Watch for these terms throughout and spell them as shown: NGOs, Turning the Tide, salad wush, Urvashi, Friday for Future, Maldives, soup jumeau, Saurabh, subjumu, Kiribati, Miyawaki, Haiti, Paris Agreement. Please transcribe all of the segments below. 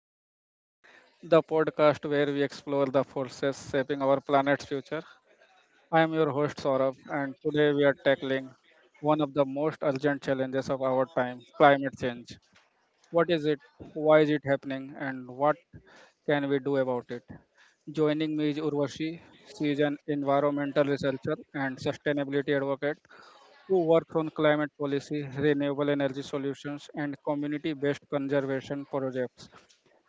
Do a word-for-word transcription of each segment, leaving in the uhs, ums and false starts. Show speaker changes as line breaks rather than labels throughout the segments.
the Tide, the podcast where we explore the forces shaping our planet's future. I am your host Saurabh, and today we are tackling one of the most urgent challenges of our time, climate change. What is it? Why is it happening? And what can we do about it? Joining me is Urvashi. She is an environmental researcher and sustainability advocate who works on climate policy, renewable energy solutions, and community based conservation projects.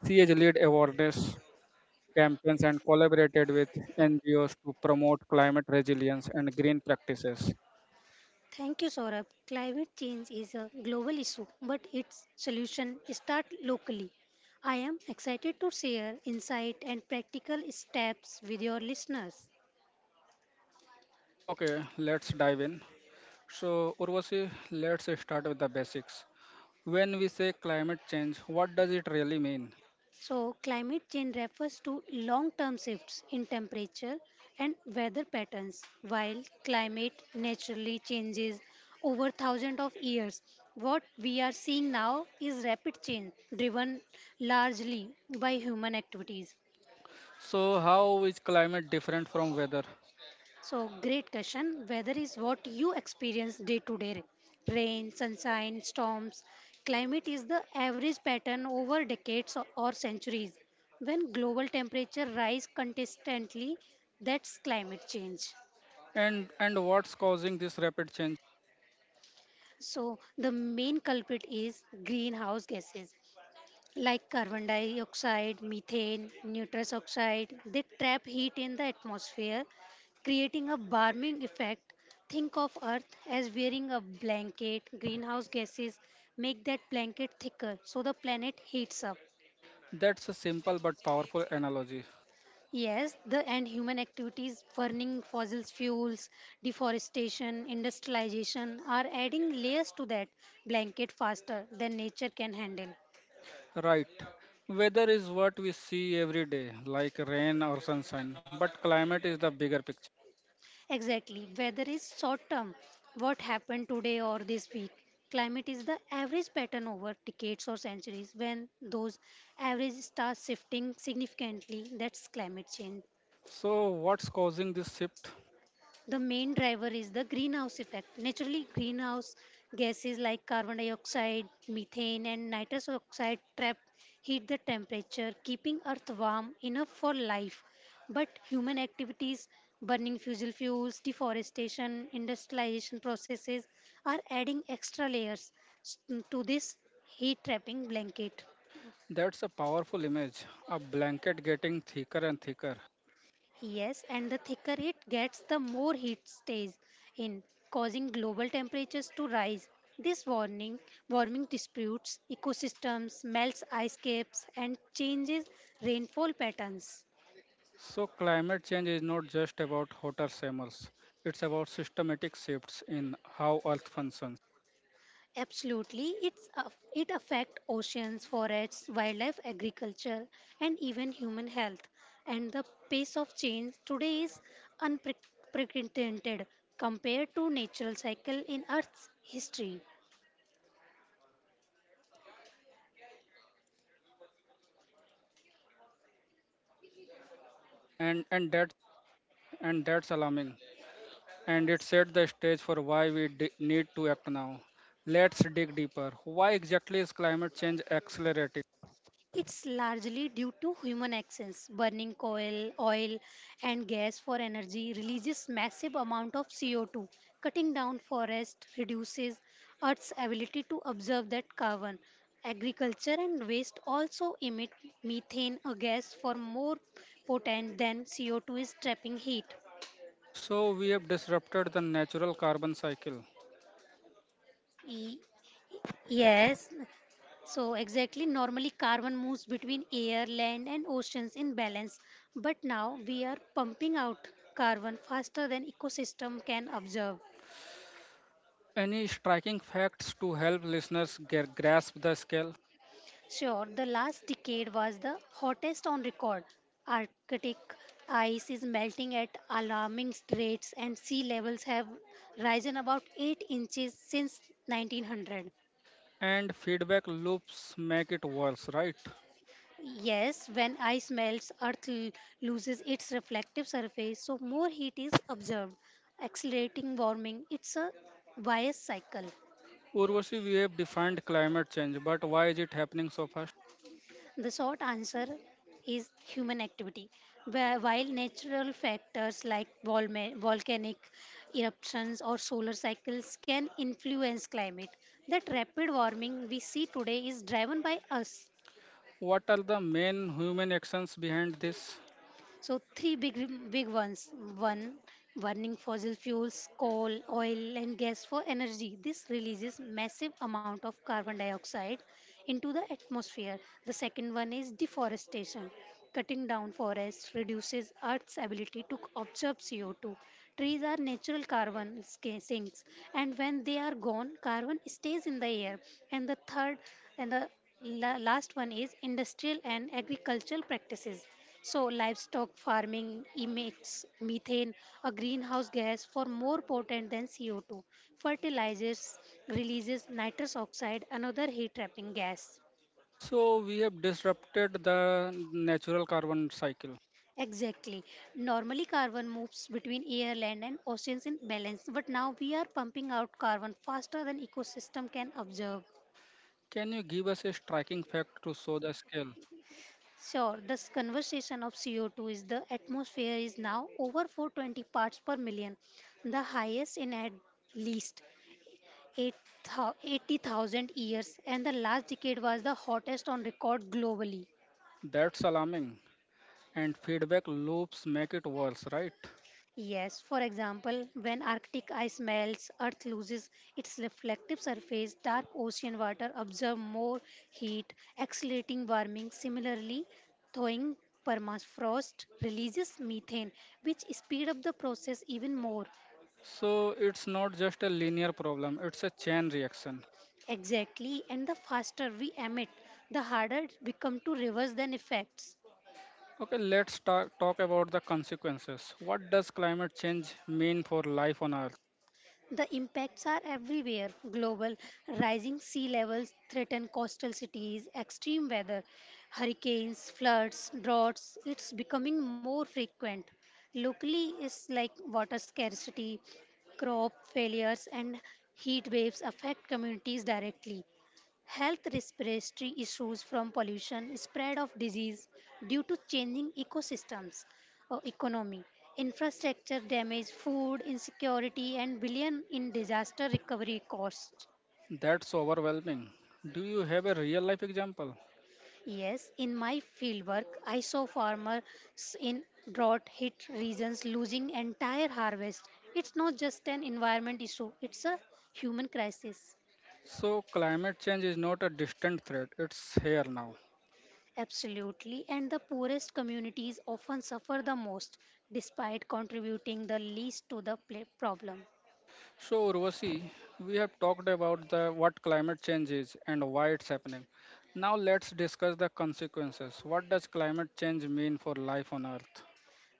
C H led awareness campaigns and collaborated with N G Os to promote climate resilience and green practices.
Thank you, Saurabh. Climate change is a global issue, but its solution start locally. I am excited to share insight and practical steps with your listeners.
Okay, let's dive in. So, Urvashi, let's start with the basics. When we say climate change, what does it really mean?
So, climate change refers to long-term shifts in temperature and weather patterns, while climate naturally changes over thousands of years. What we are seeing now is rapid change driven largely by human activities.
So, how is climate different from weather?
So, great question. Weather is what you experience day to day, right? Rain, sunshine, storms. Climate is the average pattern over decades or or centuries. When global temperature rise consistently, that's climate change.
And and what's causing this rapid change?
So, the main culprit is greenhouse gases, like carbon dioxide, methane, nitrous oxide. They trap heat in the atmosphere, creating a warming effect. Think of Earth as wearing a blanket. Greenhouse gases make that blanket thicker, so the planet heats up.
That's a simple but powerful analogy.
Yes, the and human activities, burning fossil fuels, deforestation, industrialization, are adding layers to that blanket faster than nature can handle.
Right. Weather is what we see every day, like rain or sunshine, but climate is the bigger picture.
Exactly. Weather is short term. What happened today or this week? Climate is the average pattern over decades or centuries. When those averages start shifting significantly, that's climate change.
So, what's causing this shift?
The main driver is the greenhouse effect. Naturally, greenhouse gases like carbon dioxide, methane, and nitrous oxide trap heat the temperature, keeping Earth warm enough for life. But human activities, burning fossil fuels, deforestation, industrialization processes, are adding extra layers s- to this heat trapping blanket.
That's a powerful image, a blanket getting thicker and thicker.
Yes, and the thicker it gets, the more heat stays in, causing global temperatures to rise. This warning, warming disputes ecosystems, melts ice caps, and changes rainfall patterns.
So, climate change is not just about hotter summers, it's about systematic shifts in how Earth functions.
Absolutely, it's, a- it affects oceans, forests, wildlife, agriculture, and even human health. And the pace of change today is unprecedented compared to natural cycle in Earth's history.
And, and, that, and that's alarming. And it set the stage for why we d- need to act now. Let's dig deeper. Why exactly is climate change accelerating?
It's largely due to human actions. Burning coal, oil, and gas for energy releases massive amount of C O two. Cutting down forest reduces Earth's ability to absorb that carbon. Agriculture and waste also emit methane, a gas for more potent than C O two is trapping heat.
So, we have disrupted the natural carbon cycle.
Y- Yes, So, exactly, normally carbon moves between air, land, and oceans in balance, but now we are pumping out carbon faster than ecosystem can absorb.
Any striking facts to help listeners gra- grasp the scale?
Sure, the last decade was the hottest on record. Arctic ice is melting at alarming rates, and sea levels have risen about eight inches since nineteen hundred.
And feedback loops make it worse, right?
Yes, when ice melts, Earth l- loses its reflective surface, so more heat is observed, accelerating warming. It's a bias cycle.
Urvashi, we have defined climate change, but why is it happening so fast?
The short answer is human activity. Wh- While natural factors like volma- volcanic eruptions or solar cycles can influence climate, that rapid warming we see today is driven by us.
What are the main human actions behind this?
So three big big ones. One, burning fossil fuels, coal, oil and gas for energy. This releases massive amount of carbon dioxide into the atmosphere. The second one is deforestation. Cutting down forests reduces Earth's ability to absorb C O two. Trees are natural carbon sca- sinks, and when they are gone, carbon stays in the air. And the third and the la- last one is industrial and agricultural practices. So, livestock farming emits methane, a greenhouse gas for more potent than C O two. Fertilizers releases nitrous oxide, another heat trapping gas.
So, we have disrupted the natural carbon cycle.
Exactly. Normally, carbon moves between air, land, and oceans in balance, but now we are pumping out carbon faster than ecosystem can absorb.
Can you give us a striking fact to show the scale?
Sure, this conversation of C O two is the atmosphere is now over four hundred twenty parts per million, the highest in at least eight thou- eighty thousand years, and the last decade was the hottest on record globally.
That's alarming. And feedback loops make it worse, right?
Yes, for example, when Arctic ice melts, Earth loses its reflective surface, dark ocean water absorb more heat, accelerating warming. Similarly, thawing permafrost releases methane, which speed up the process even more.
So, it's not just a linear problem, it's a chain reaction.
Exactly, and the faster we emit, the harder it becomes to reverse the effects.
Okay, let's ta- talk about the consequences. What does climate change mean for life on Earth?
The impacts are everywhere global, rising sea levels threaten coastal cities, extreme weather, hurricanes, floods, droughts. It's becoming more frequent. Locally, is like water scarcity, crop failures, and heat waves affect communities directly. Health respiratory issues from pollution, spread of disease due to changing ecosystems, uh, economy, infrastructure damage, food insecurity, and billion in disaster recovery costs.
That's overwhelming. Do you have a real life example?
Yes, in my fieldwork, I saw farmers in drought hit regions losing entire harvest. It's not just an environment issue, it's a human crisis.
So, climate change is not a distant threat, it's here now.
Absolutely, and the poorest communities often suffer the most despite contributing the least to the pla- problem.
So, Urvashi, we have talked about the what climate change is and why it's happening. Now, let's discuss the consequences. What does climate change mean for life on Earth?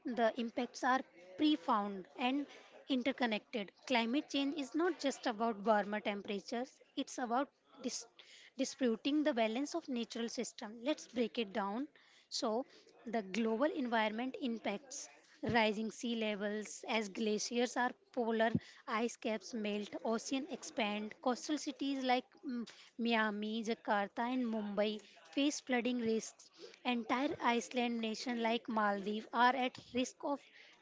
The impacts are profound and interconnected. Climate change is not just about warmer temperatures, it's about dis- disputing the balance of natural system. Let's break it down. So, the global environment impacts. Rising sea levels as glaciers are polar ice caps melt, ocean expand, coastal cities like mm, Miami, Jakarta and Mumbai face flooding risks. Entire island nation like Maldives are at risk of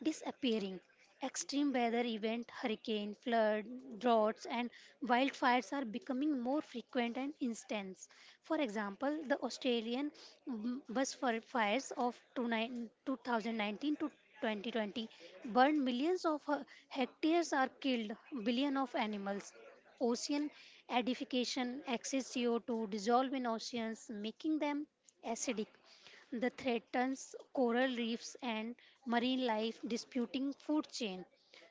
disappearing. Extreme weather events, hurricane, flood, droughts, and wildfires are becoming more frequent and intense. For example, the Australian mm, bus fir- fires of two nine two thousand nineteen to twenty twenty burned millions of uh, hectares are killed, billion of animals. Ocean acidification, excess C O two dissolve in oceans, making them acidic the threatens coral reefs and marine life disputing food chain.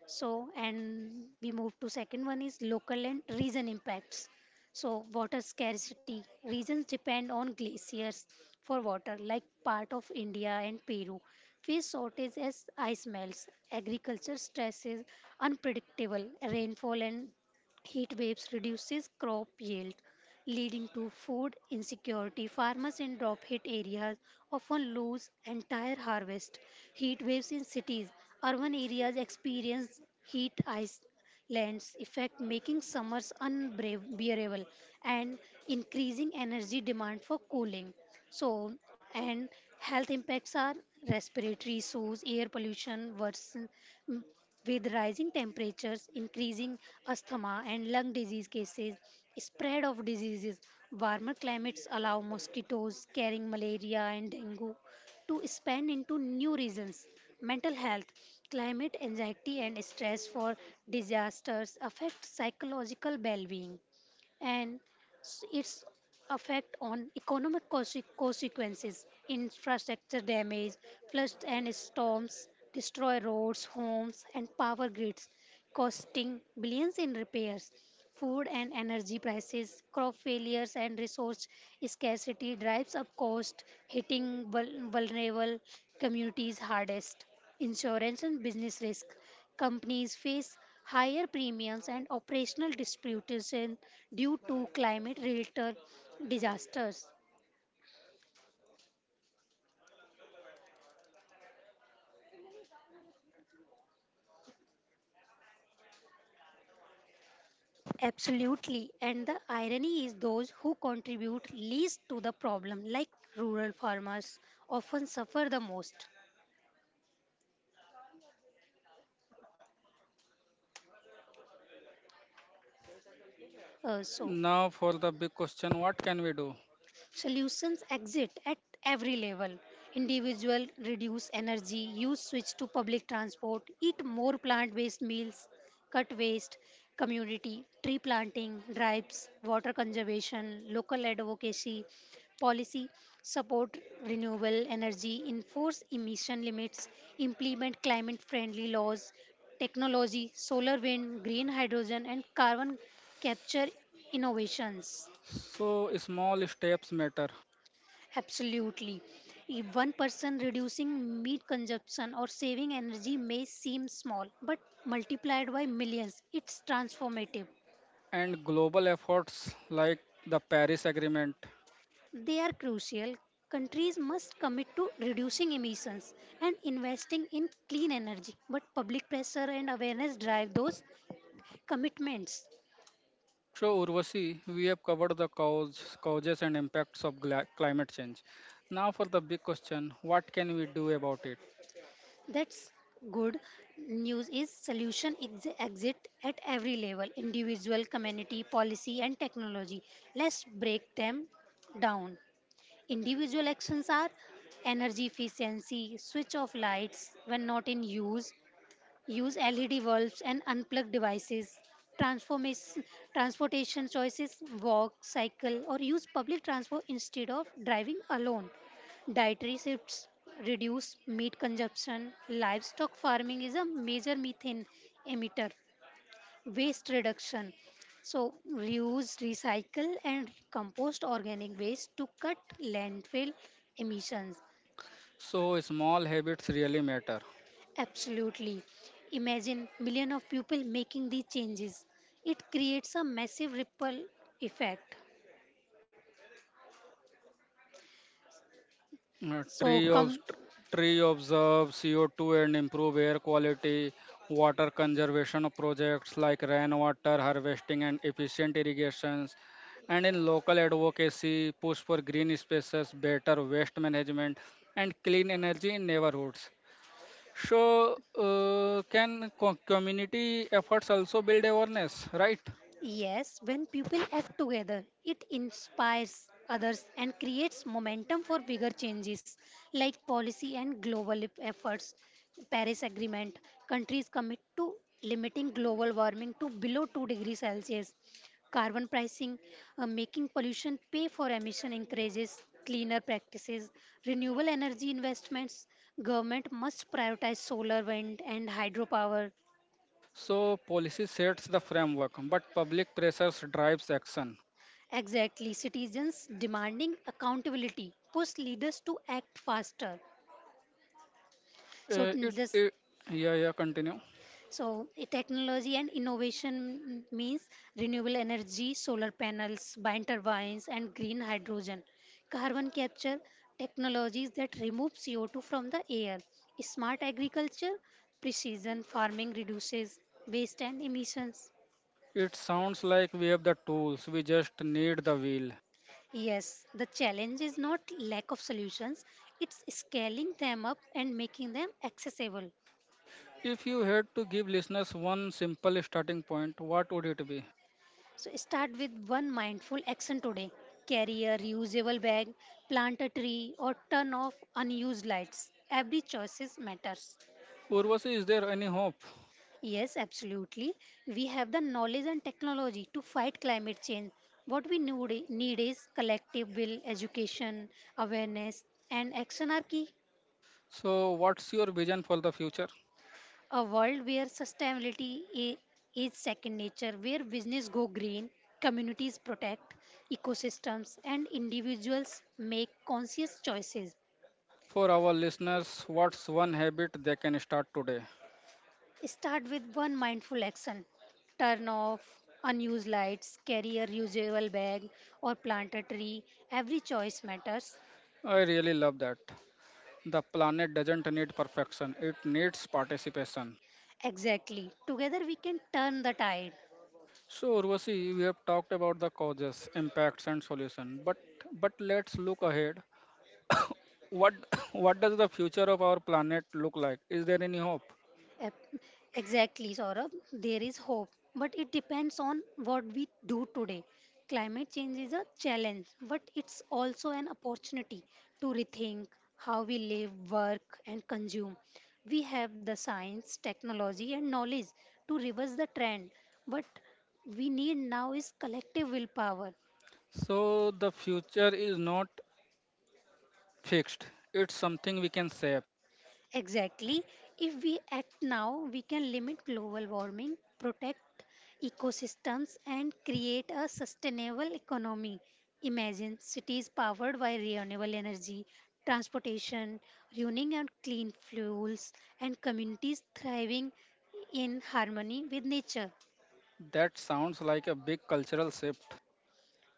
So, and we move to second one is local and region impacts. So, water scarcity. Regions depend on glaciers for water, like part of India and Peru. Fish shortage as ice melts. Agriculture stress is unpredictable. Rainfall and heat waves reduces crop yield leading to food insecurity. Farmers in drought hit areas often lose entire harvest. Heat waves in cities. Urban areas experience heat ice lands effect making summers unbearable and increasing energy demand for cooling, so, and health impacts are respiratory issues, air pollution worsen, mm, with rising temperatures increasing asthma and lung disease cases, spread of diseases, warmer climates allow mosquitoes carrying malaria and dengue to expand into new reasons, mental health, climate anxiety and stress for disasters affect psychological well-being, and s- its effect on economic conse- consequences, infrastructure damage, floods and storms destroy roads, homes and power grids, costing billions in repairs. Food and energy prices, crop failures, and resource scarcity drives up cost, hitting vul- vulnerable communities hardest. Insurance and business risk. Companies face higher premiums and operational disruption due to climate-related disasters. Absolutely. And the irony is those who contribute least to the problem, like rural farmers, often suffer the most. Uh, so,
Now, for the big question, what can we do?
Solutions exist at every level. Individual reduce energy, use switch to public transport, eat more plant-based meals, cut waste, community, tree planting, drives, water conservation, local advocacy, policy, support renewable energy, enforce emission limits, implement climate-friendly laws, technology, solar, wind, green hydrogen, and carbon capture innovations.
So, small steps matter.
Absolutely. If one person reducing meat consumption or saving energy may seem small, but multiplied by millions, it's transformative.
And global efforts like the Paris Agreement.
They are crucial. Countries must commit to reducing emissions and investing in clean energy, but public pressure and awareness drive those commitments.
So, Urvasi, we have covered the cause, causes and impacts of gla- climate change. Now, for the big question, what can we do about it?
That's good news is solution ex- exit at every level, individual, community, policy and technology. Let's break them down. Individual actions are energy efficiency, switch off lights when not in use, use L E D bulbs and unplugged devices. Transformis- Transportation choices, walk, cycle, or use public transport instead of driving alone. Dietary shifts, reduce meat consumption. Livestock farming is a major methane emitter. Waste reduction. So, reuse, recycle, and compost organic waste to cut landfill emissions.
So, small habits really matter.
Absolutely. Imagine millions of people making these changes. It creates a massive ripple effect.
Uh,
So
tree of
come,
Tree observe C O two and improve air quality. Water conservation projects like rainwater harvesting and efficient irrigations. And in local advocacy, push for green spaces, better waste management, and clean energy in neighborhoods. So, uh, can co- community efforts also build awareness, right?
yes, when people act together, it inspires others and creates momentum for bigger changes like policy and global ef- efforts. Paris Agreement countries commit to limiting global warming to below two degrees Celsius. Carbon pricing, uh, making pollution pay for emission increases, cleaner practices, renewable energy investments. Government must prioritize solar, wind, and hydropower.
So, policy sets the framework, but public pressures drives action.
Exactly, citizens demanding accountability push leaders to act faster. So,
Uh,
n-
it,
this,
it, yeah, yeah, continue.
so eh, Technology and innovation means renewable energy, solar panels, wind turbines, and green hydrogen, carbon capture technologies that remove C O two from the air, smart agriculture, precision farming reduces waste and emissions.
It sounds like we have the tools, we just need the will.
Yes, the challenge is not lack of solutions, it's scaling them up and making them accessible.
If you had to give listeners one simple starting point, what would it be?
So start with one mindful action today. Carry a reusable bag, plant a tree or turn off unused lights. Every choices matters.
Urvasi, is there any hope?
Yes, absolutely. We have the knowledge and technology to fight climate change. What we need need is collective will, education, awareness and action are key.
So, what's your vision for the future?
A world where sustainability i- is second nature, where business go green, communities protect ecosystems, and individuals make conscious choices.
For our listeners, what's one habit they can start today?
Start with one mindful action. Turn off unused lights, carry a reusable bag, or plant a tree. Every choice matters.
I really love that. The planet doesn't need perfection, it needs participation.
Exactly. Together we can turn the tide.
So, Urvasi, we have talked about the causes, impacts, and solution, but but let's look ahead. What what does the future of our planet look like? Is there any hope?
Ep- Exactly, Saurabh. There is hope, but it depends on what we do today. Climate change is a challenge, but it's also an opportunity to rethink how we live, work, and consume. We have the science, technology, and knowledge to reverse the trend, but we need now is collective willpower.
So, the future is not fixed, it's something we can shape.
Exactly. If we act now, we can limit global warming, protect ecosystems, and create a sustainable economy. Imagine cities powered by renewable energy, transportation, running on clean fuels, and communities thriving in harmony with nature.
That sounds like a big cultural shift.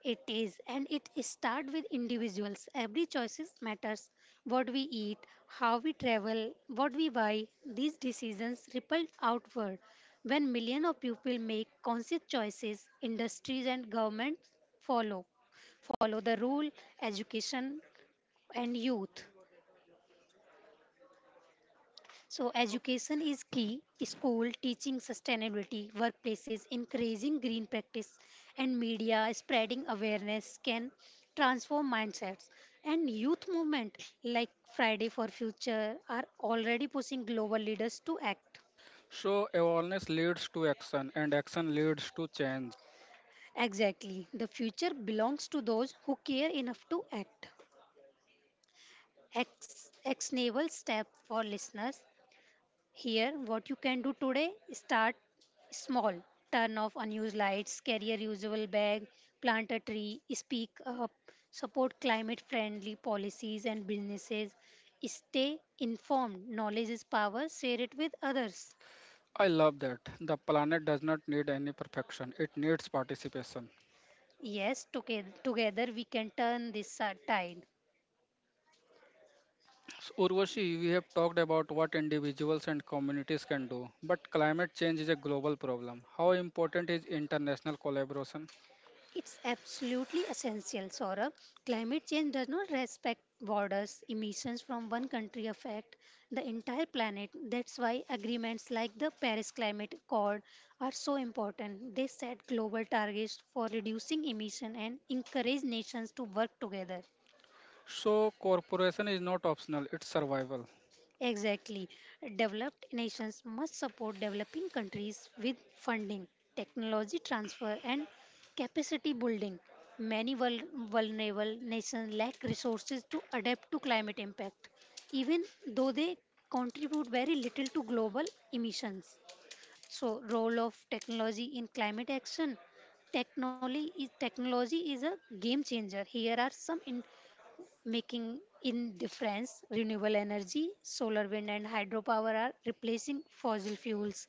It is, and it start with individuals. Every choices matters. What we eat, how we travel, what we buy, these decisions ripple outward. When millions of people make conscious choices, industries and governments follow. Follow the rule, education and youth. So,
so
education is key. School teaching sustainability, workplaces encouraging green practice, and media spreading awareness can transform mindsets. And youth movement like Friday for Future are already pushing global leaders to act.
so awareness leads to action, and action leads to change.
Exactly. The future belongs to those who care enough to act. Ex- actionable step for listeners. Here, what you can do today start small. Turn off unused lights, carry a reusable bag, plant a tree, speak up, support climate friendly policies and businesses, stay informed. Knowledge is power, share it with others.
I love that. The planet does not need any perfection, it needs participation.
Yes, toge- together we can turn this uh, tide.
So, Urvashi, we have talked about what individuals and communities can do, but climate change is a global problem. How important is international collaboration?
It's absolutely essential, Saurabh. Climate change does not respect borders. Emissions from one country affect the entire planet. That's why agreements like the Paris Climate Accord are so important. They set global targets for reducing emission and encourage nations to work together.
So, corporation is not optional, it's survival.
Exactly. Developed nations must support developing countries with funding, technology transfer, and capacity building. Many vul- vulnerable nations lack resources to adapt to climate impact, even though they contribute very little to global emissions. So, role of technology in climate action. Technology is, technology is a game changer. Here are some in making in difference renewable energy solar wind and hydropower are replacing fossil fuels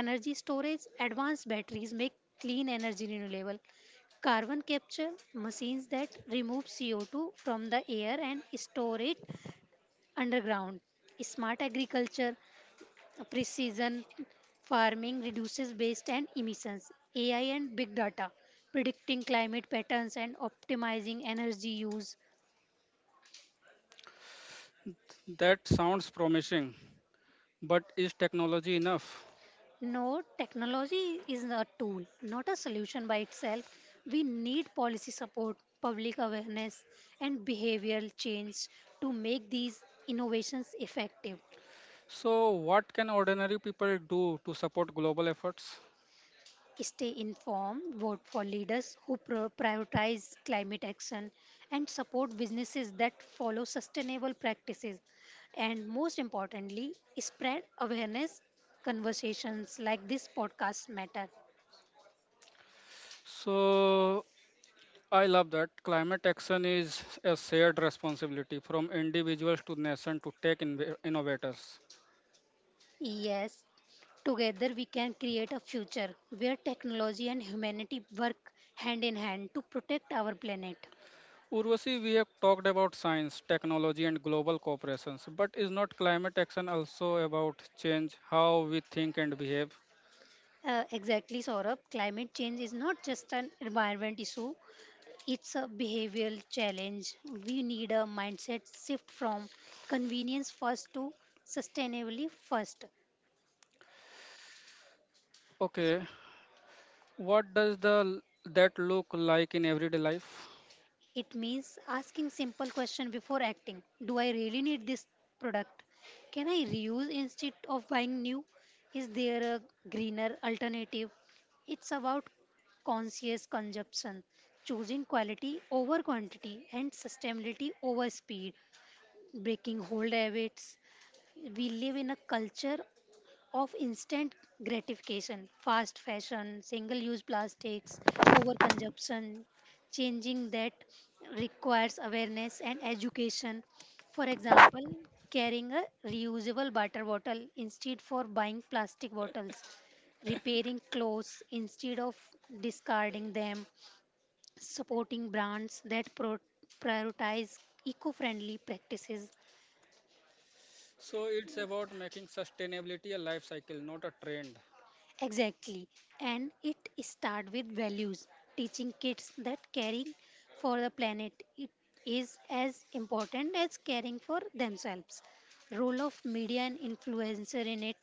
energy storage advanced batteries make clean energy renewable carbon capture machines that remove C O two from the air and store it underground smart agriculture precision farming reduces waste and emissions ai and big data predicting climate patterns and optimizing energy use.
That sounds promising, but is technology enough?
No, technology is a tool, not a solution by itself. We need policy support, public awareness, and behavioral change to make these innovations effective.
So, what can ordinary people do to support global efforts?
Stay informed, vote for leaders who pro- prioritize climate action, and support businesses that follow sustainable practices. And most importantly, spread awareness. Conversations like this podcast matter.
So, I love that. Climate action is a shared responsibility from individuals to nation to tech inv- innovators.
Yes, together we can create a future where technology and humanity work hand in hand to protect our planet.
Urvashi, we have talked about science, technology, and global corporations, but is not climate action also about change how we think and behave?
Uh, exactly, Saurabh. Climate change is not just an environment issue, it's a behavioral challenge. We need a mindset shift from convenience first to sustainability first.
Okay, what does the that look like in everyday life?
It means asking simple question before acting. Do I really need this product? Can I reuse instead of buying new? Is there a greener alternative? It's about conscious consumption, choosing quality over quantity and sustainability over speed, breaking old habits. We live in a culture of instant gratification, fast fashion, single use plastics, overconsumption, changing that requires awareness and education. For example, carrying a reusable water bottle instead for buying plastic bottles, repairing clothes instead of discarding them, supporting brands that pro- prioritize eco-friendly practices.
So it's about making sustainability a life cycle, not a trend.
Exactly. And it start with values, teaching kids that caring for the planet it is as important as caring for themselves. Role of media and influencer in it,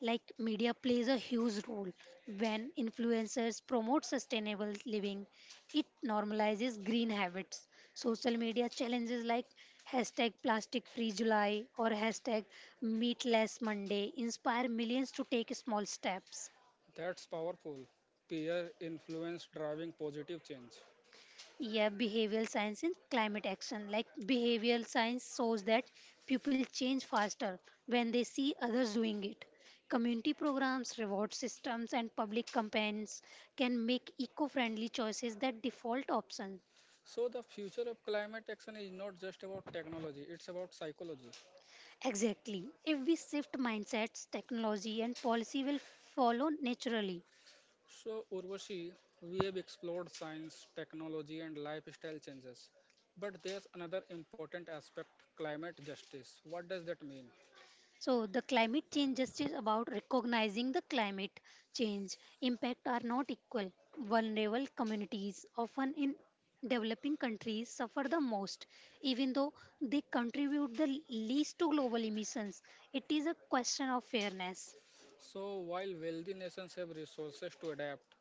like media plays a huge role. When influencers promote sustainable living, it normalizes green habits. Social media challenges like hashtag plastic free July or hashtag meatless Monday inspire millions to take small steps.
That's powerful. Peer influence driving positive change.
Yeah, behavioral science in climate action. Like behavioral science shows that people change faster when they see others doing it. Community programs, reward systems, and public campaigns can make eco friendly choices that default option.
So the future of climate action is not just about technology, it's about psychology.
Exactly. If we shift mindsets, technology and policy will follow naturally.
So, Urvashi, we have explored science, technology and lifestyle changes. But there's another important aspect, climate justice. What does that mean?
So the climate change justice about recognizing the climate change impact are not equal. Vulnerable communities, often in developing countries, suffer the most, even though they contribute the least to global emissions. It is a question of fairness.
So, while wealthy nations have resources to adapt,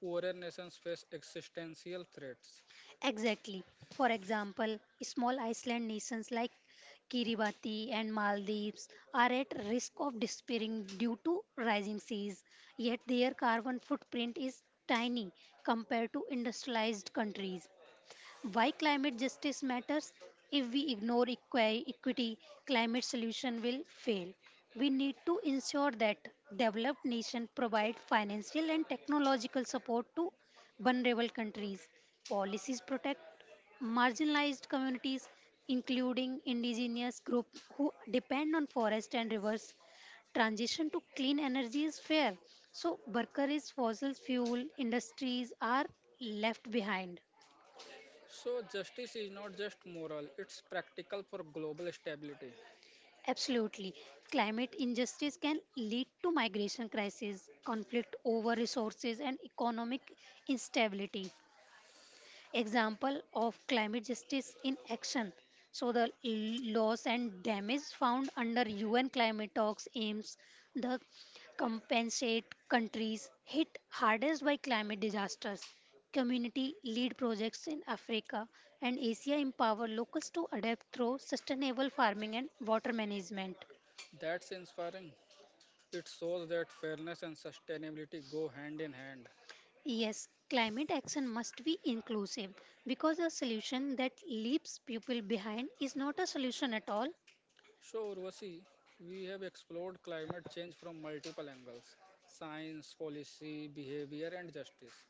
poorer nations face existential threats.
Exactly. For example, small island nations like Kiribati and Maldives are at risk of disappearing due to rising seas, yet their carbon footprint is tiny compared to industrialized countries. Why climate justice matters? If we ignore equi- equity, climate solution will fail. We need to ensure that developed nations provide financial and technological support to vulnerable countries. Policies protect marginalized communities, including indigenous groups who depend on forest and rivers transition to clean energy is fair so worker fossil fuel industries are left behind.
So, justice is not just moral, it's practical for global stability.
Absolutely. Climate injustice can lead to migration crisis, conflict over resources, and economic instability. Example of climate justice in action. So, the l- loss and damage found under U N climate talks aims the compensate countries hit hardest by climate disasters. Community lead projects in Africa and Asia empower locals to adapt through sustainable farming and water management.
That's inspiring. It shows that fairness and sustainability go hand in hand.
Yes, climate action must be inclusive because a solution that leaves people behind is not a solution at all.
So, Urvashi, we have explored climate change from multiple angles: science, policy, behavior, and justice.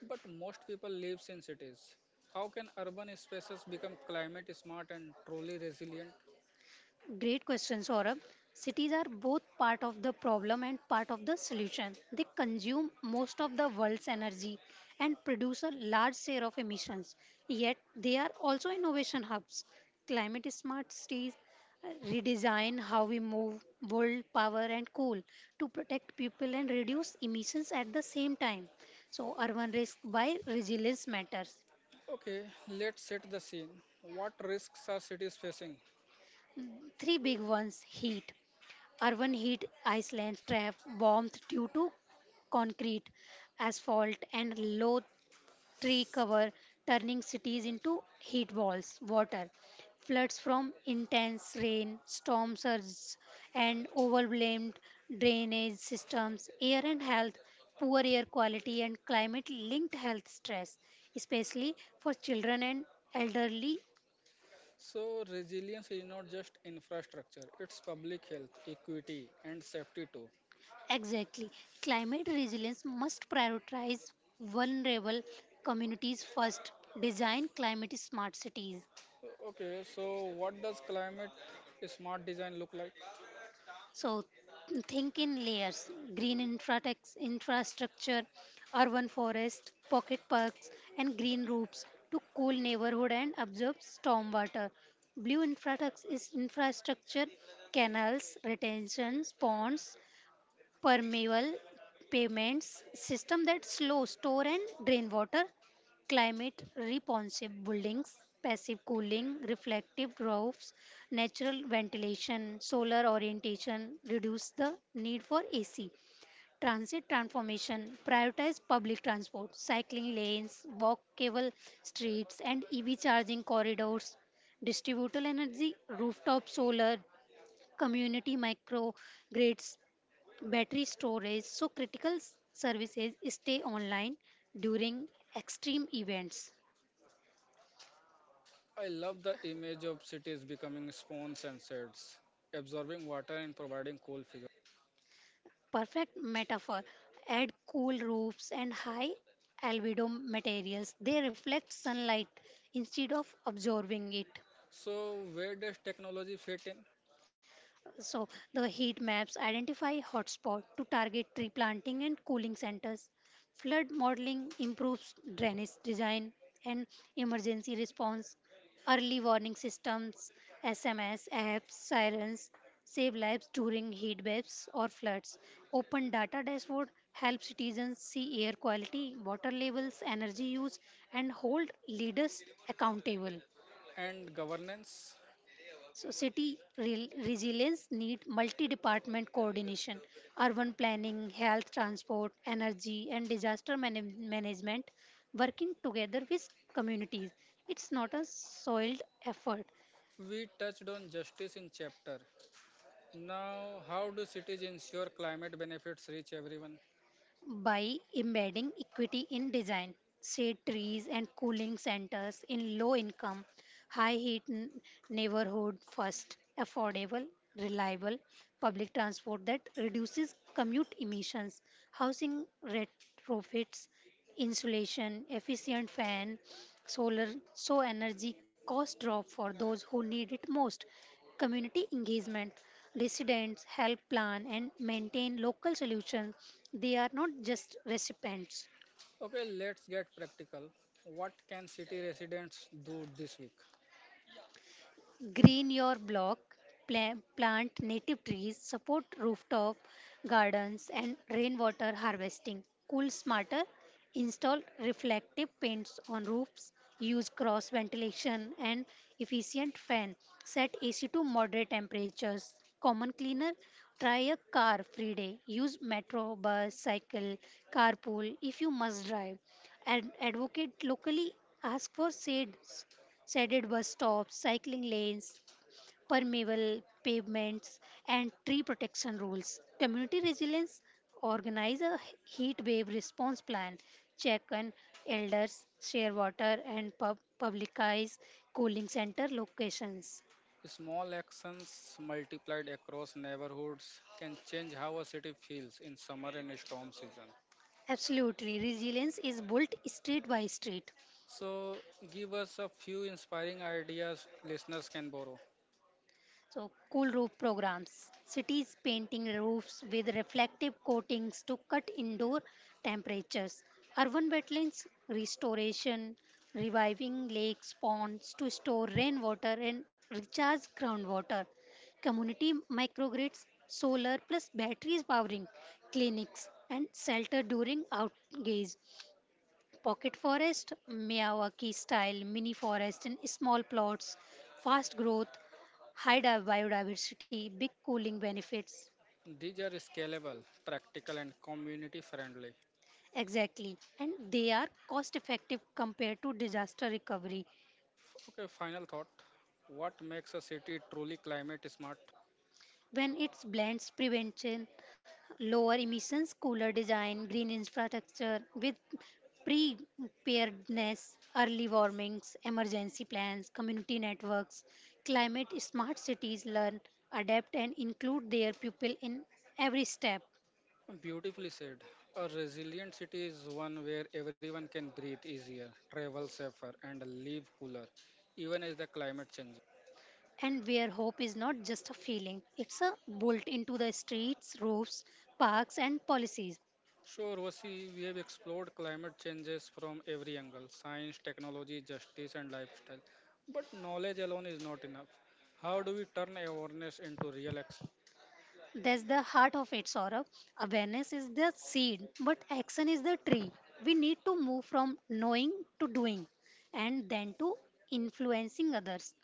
But most people live in cities. How can urban spaces become climate smart and truly resilient?
Great question, Saurabh. Cities are both part of the problem and part of the solution. They consume most of the world's energy and produce a large share of emissions. Yet, they are also innovation hubs. Climate smart cities uh, redesign how we move world power and coal to protect people and reduce emissions at the same time. So, urban risk by resilience matters.
Okay, let's set the scene. What risks are cities facing?
Three big ones heat, Urban heat islands trap warmth due to concrete, asphalt, and low tree cover, turning cities into heat walls. Water floods from intense rain, storm surges, and overwhelmed drainage systems. Air and health poor air quality and climate linked health stress, especially for children and elderly.
So, resilience is not just infrastructure, it's public health, equity, and safety too.
Exactly. Climate resilience must prioritize vulnerable communities first, design climate smart cities.
Okay, so what does climate smart design look like?
So, think in layers green infratex, infrastructure, urban forest, pocket parks, and green roofs to cool neighborhood and absorb stormwater. Blue infratex is infrastructure, canals, retention ponds, permeable payments system that slow store and drain water climate responsive buildings passive cooling reflective roofs natural ventilation solar orientation reduce the need for ac transit transformation prioritize public transport cycling lanes walkable streets and ev charging corridors distributed energy rooftop solar community microgrids battery storage so critical s- services stay online during extreme events.
I love the image of cities becoming spawns and sheds, absorbing water and providing cool figures.
Perfect metaphor. Add cool roofs and high albedo materials. They reflect sunlight instead of absorbing it.
So, where does technology fit in?
So the heat maps identify hotspot to target tree planting and cooling centers. Flood modeling improves drainage design and emergency response. Early warning systems, S M S apps, sirens save lives during heat waves or floods. Open data dashboard helps citizens see air quality, water levels, energy use and hold leaders accountable.
And governance?
So, city re- resilience need multi-department coordination, urban planning, health, transport, energy, and disaster manag- management working together with communities. It's not a soiled effort.
We touched on justice in chapter. Now, how do cities ensure climate benefits reach everyone?
By embedding equity in design, shade trees and cooling centers in low income, high heat n- neighborhood first, affordable, reliable public transport that reduces commute emissions, housing retrofits, insulation, efficient fan, solar, so energy cost drop for those who need it most community engagement. Residents help plan and maintain local solutions. They are not just recipients.
Okay, let's get practical. What can city residents do this week?
Green your block, plant, plant native trees, support rooftop gardens, and rainwater harvesting. Cool smarter, install reflective paints on roofs, use cross ventilation and efficient fan, set A C to moderate temperatures. Common cleaner, try a car free day, use metro, bus, cycle, carpool if you must drive. Ad- advocate locally, ask for shade shaded bus stops, cycling lanes, permeable pavements, and tree protection rules. Community resilience organize a heat wave response plan, check on elders, share water, and pub- publicize cooling center locations.
Small actions multiplied across neighborhoods can change how a city feels in summer and storm season.
Absolutely, resilience is built street by street.
So, give us a few inspiring ideas listeners can borrow.
So, cool roof programs. Cities painting roofs with reflective coatings to cut indoor temperatures. Urban wetlands restoration, reviving lakes, ponds to store rainwater and recharge groundwater. Community microgrids, solar plus batteries powering clinics and shelter during outgaze. Pocket forest, Miyawaki style mini forest in small plots. Fast growth, high di- biodiversity, big cooling benefits.
These are scalable, practical, and community friendly.
Exactly. And they are cost effective compared to disaster recovery
Okay, final thought. What makes a city truly climate smart?
when it blends prevention, lower emissions, cooler design, green infrastructure with preparedness, early warnings, emergency plans, community networks, climate smart cities learn, adapt, and include their people in every step.
Beautifully said. A resilient city is one where everyone can breathe easier, travel safer, and live cooler, even as the climate changes.
And where hope is not just a feeling, it's a bolt into the streets, roofs, parks, and policies.
Sure, Vasi, we have explored climate changes from every angle: science, technology, justice, and lifestyle. But knowledge alone is not enough. How do we turn awareness into real action?
That's the heart of it, Saurabh. Awareness is the seed, but action is the tree. We need to move from knowing to doing and then to influencing others.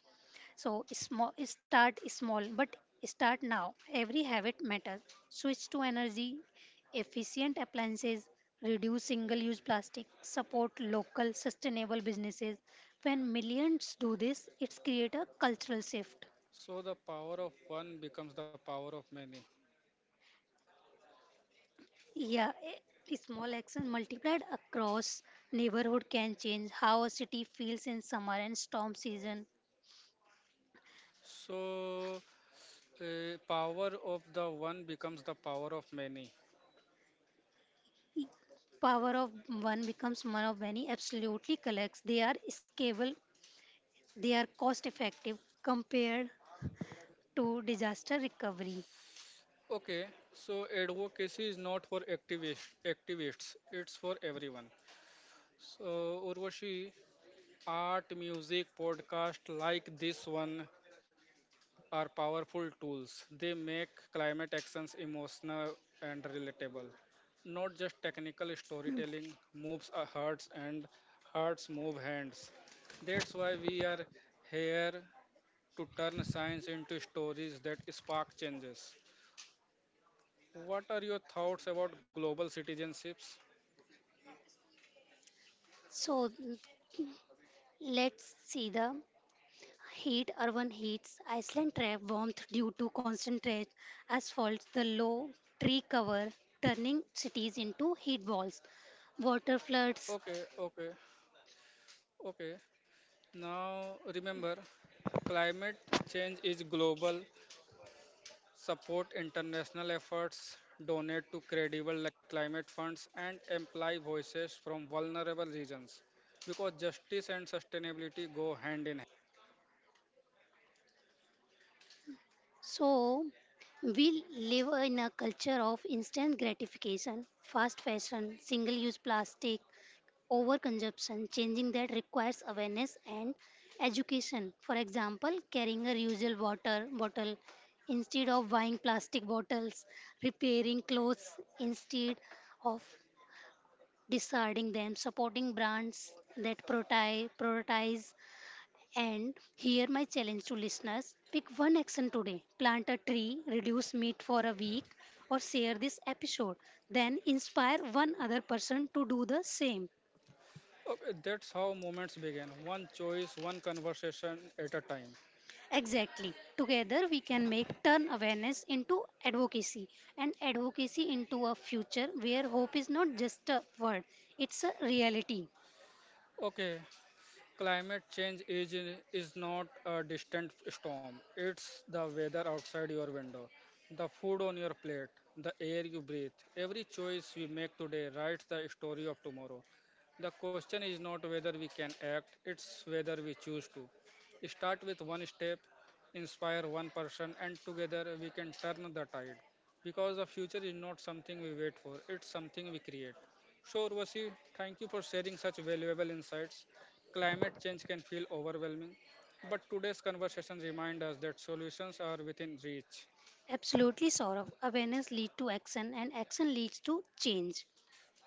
So small Start small but start now. Every habit matters. Switch to energy efficient appliances, reduce single use plastic, support local sustainable businesses. When millions do this, it's create a cultural shift.
So the power of one becomes the power of many.
Yeah, a small action multiplied across neighborhood can change how a city feels in summer and storm season.
So uh, power of the one becomes the power of many.
Power of one becomes one of many absolutely collects. They are scalable. They are cost effective compared to disaster recovery.
Okay, so advocacy is not for activist, activists, it's for everyone. So, Urvashi, art, music, podcast like this one are powerful tools. They make climate actions emotional and relatable. Not just technical storytelling moves our hearts, and hearts move hands. That's why we are here to turn science into stories that spark changes. What are your thoughts about global citizenships?
So l- let's see the heat, urban heats. Iceland trap warmth due to concentrate asphalt, the low tree cover, turning cities into heat balls, water floods.
Okay, okay, okay. Now remember, climate change is global. Support international efforts, donate to credible li- climate funds, and employ voices from vulnerable regions because justice and sustainability go hand in hand.
So we live in a culture of instant gratification, fast fashion, single use plastic, overconsumption, changing that requires awareness and education. For example, carrying a reusable water bottle instead of buying plastic bottles, repairing clothes instead of discarding them, supporting brands that prioritize, prioritize. And here my challenge to listeners: pick one action today, plant a tree, reduce meat for a week, or share this episode. Then inspire one other person to do the same.
Okay, that's how movements begin, one choice, one conversation at a time.
Exactly. Together, we can make turn awareness into advocacy and advocacy into a future where hope is not just a word, it's a reality.
Okay, climate change is, in- is not a distant storm. It's the weather outside your window, the food on your plate, the air you breathe. Every choice we make today writes the story of tomorrow. The question is not whether we can act, it's whether we choose to. Start with one step, inspire one person, and together we can turn the tide. Because the future is not something we wait for, it's something we create. Sure, Urvashi, thank you for sharing such valuable insights. Climate change can feel overwhelming, but today's conversation reminds us that solutions are within reach.
Absolutely, Saurav. Awareness leads to action and action leads to change.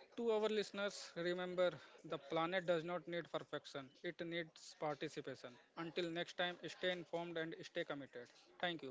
To our listeners, remember, the planet does not need perfection, it needs participation. Until next time, stay informed and stay committed. Thank you.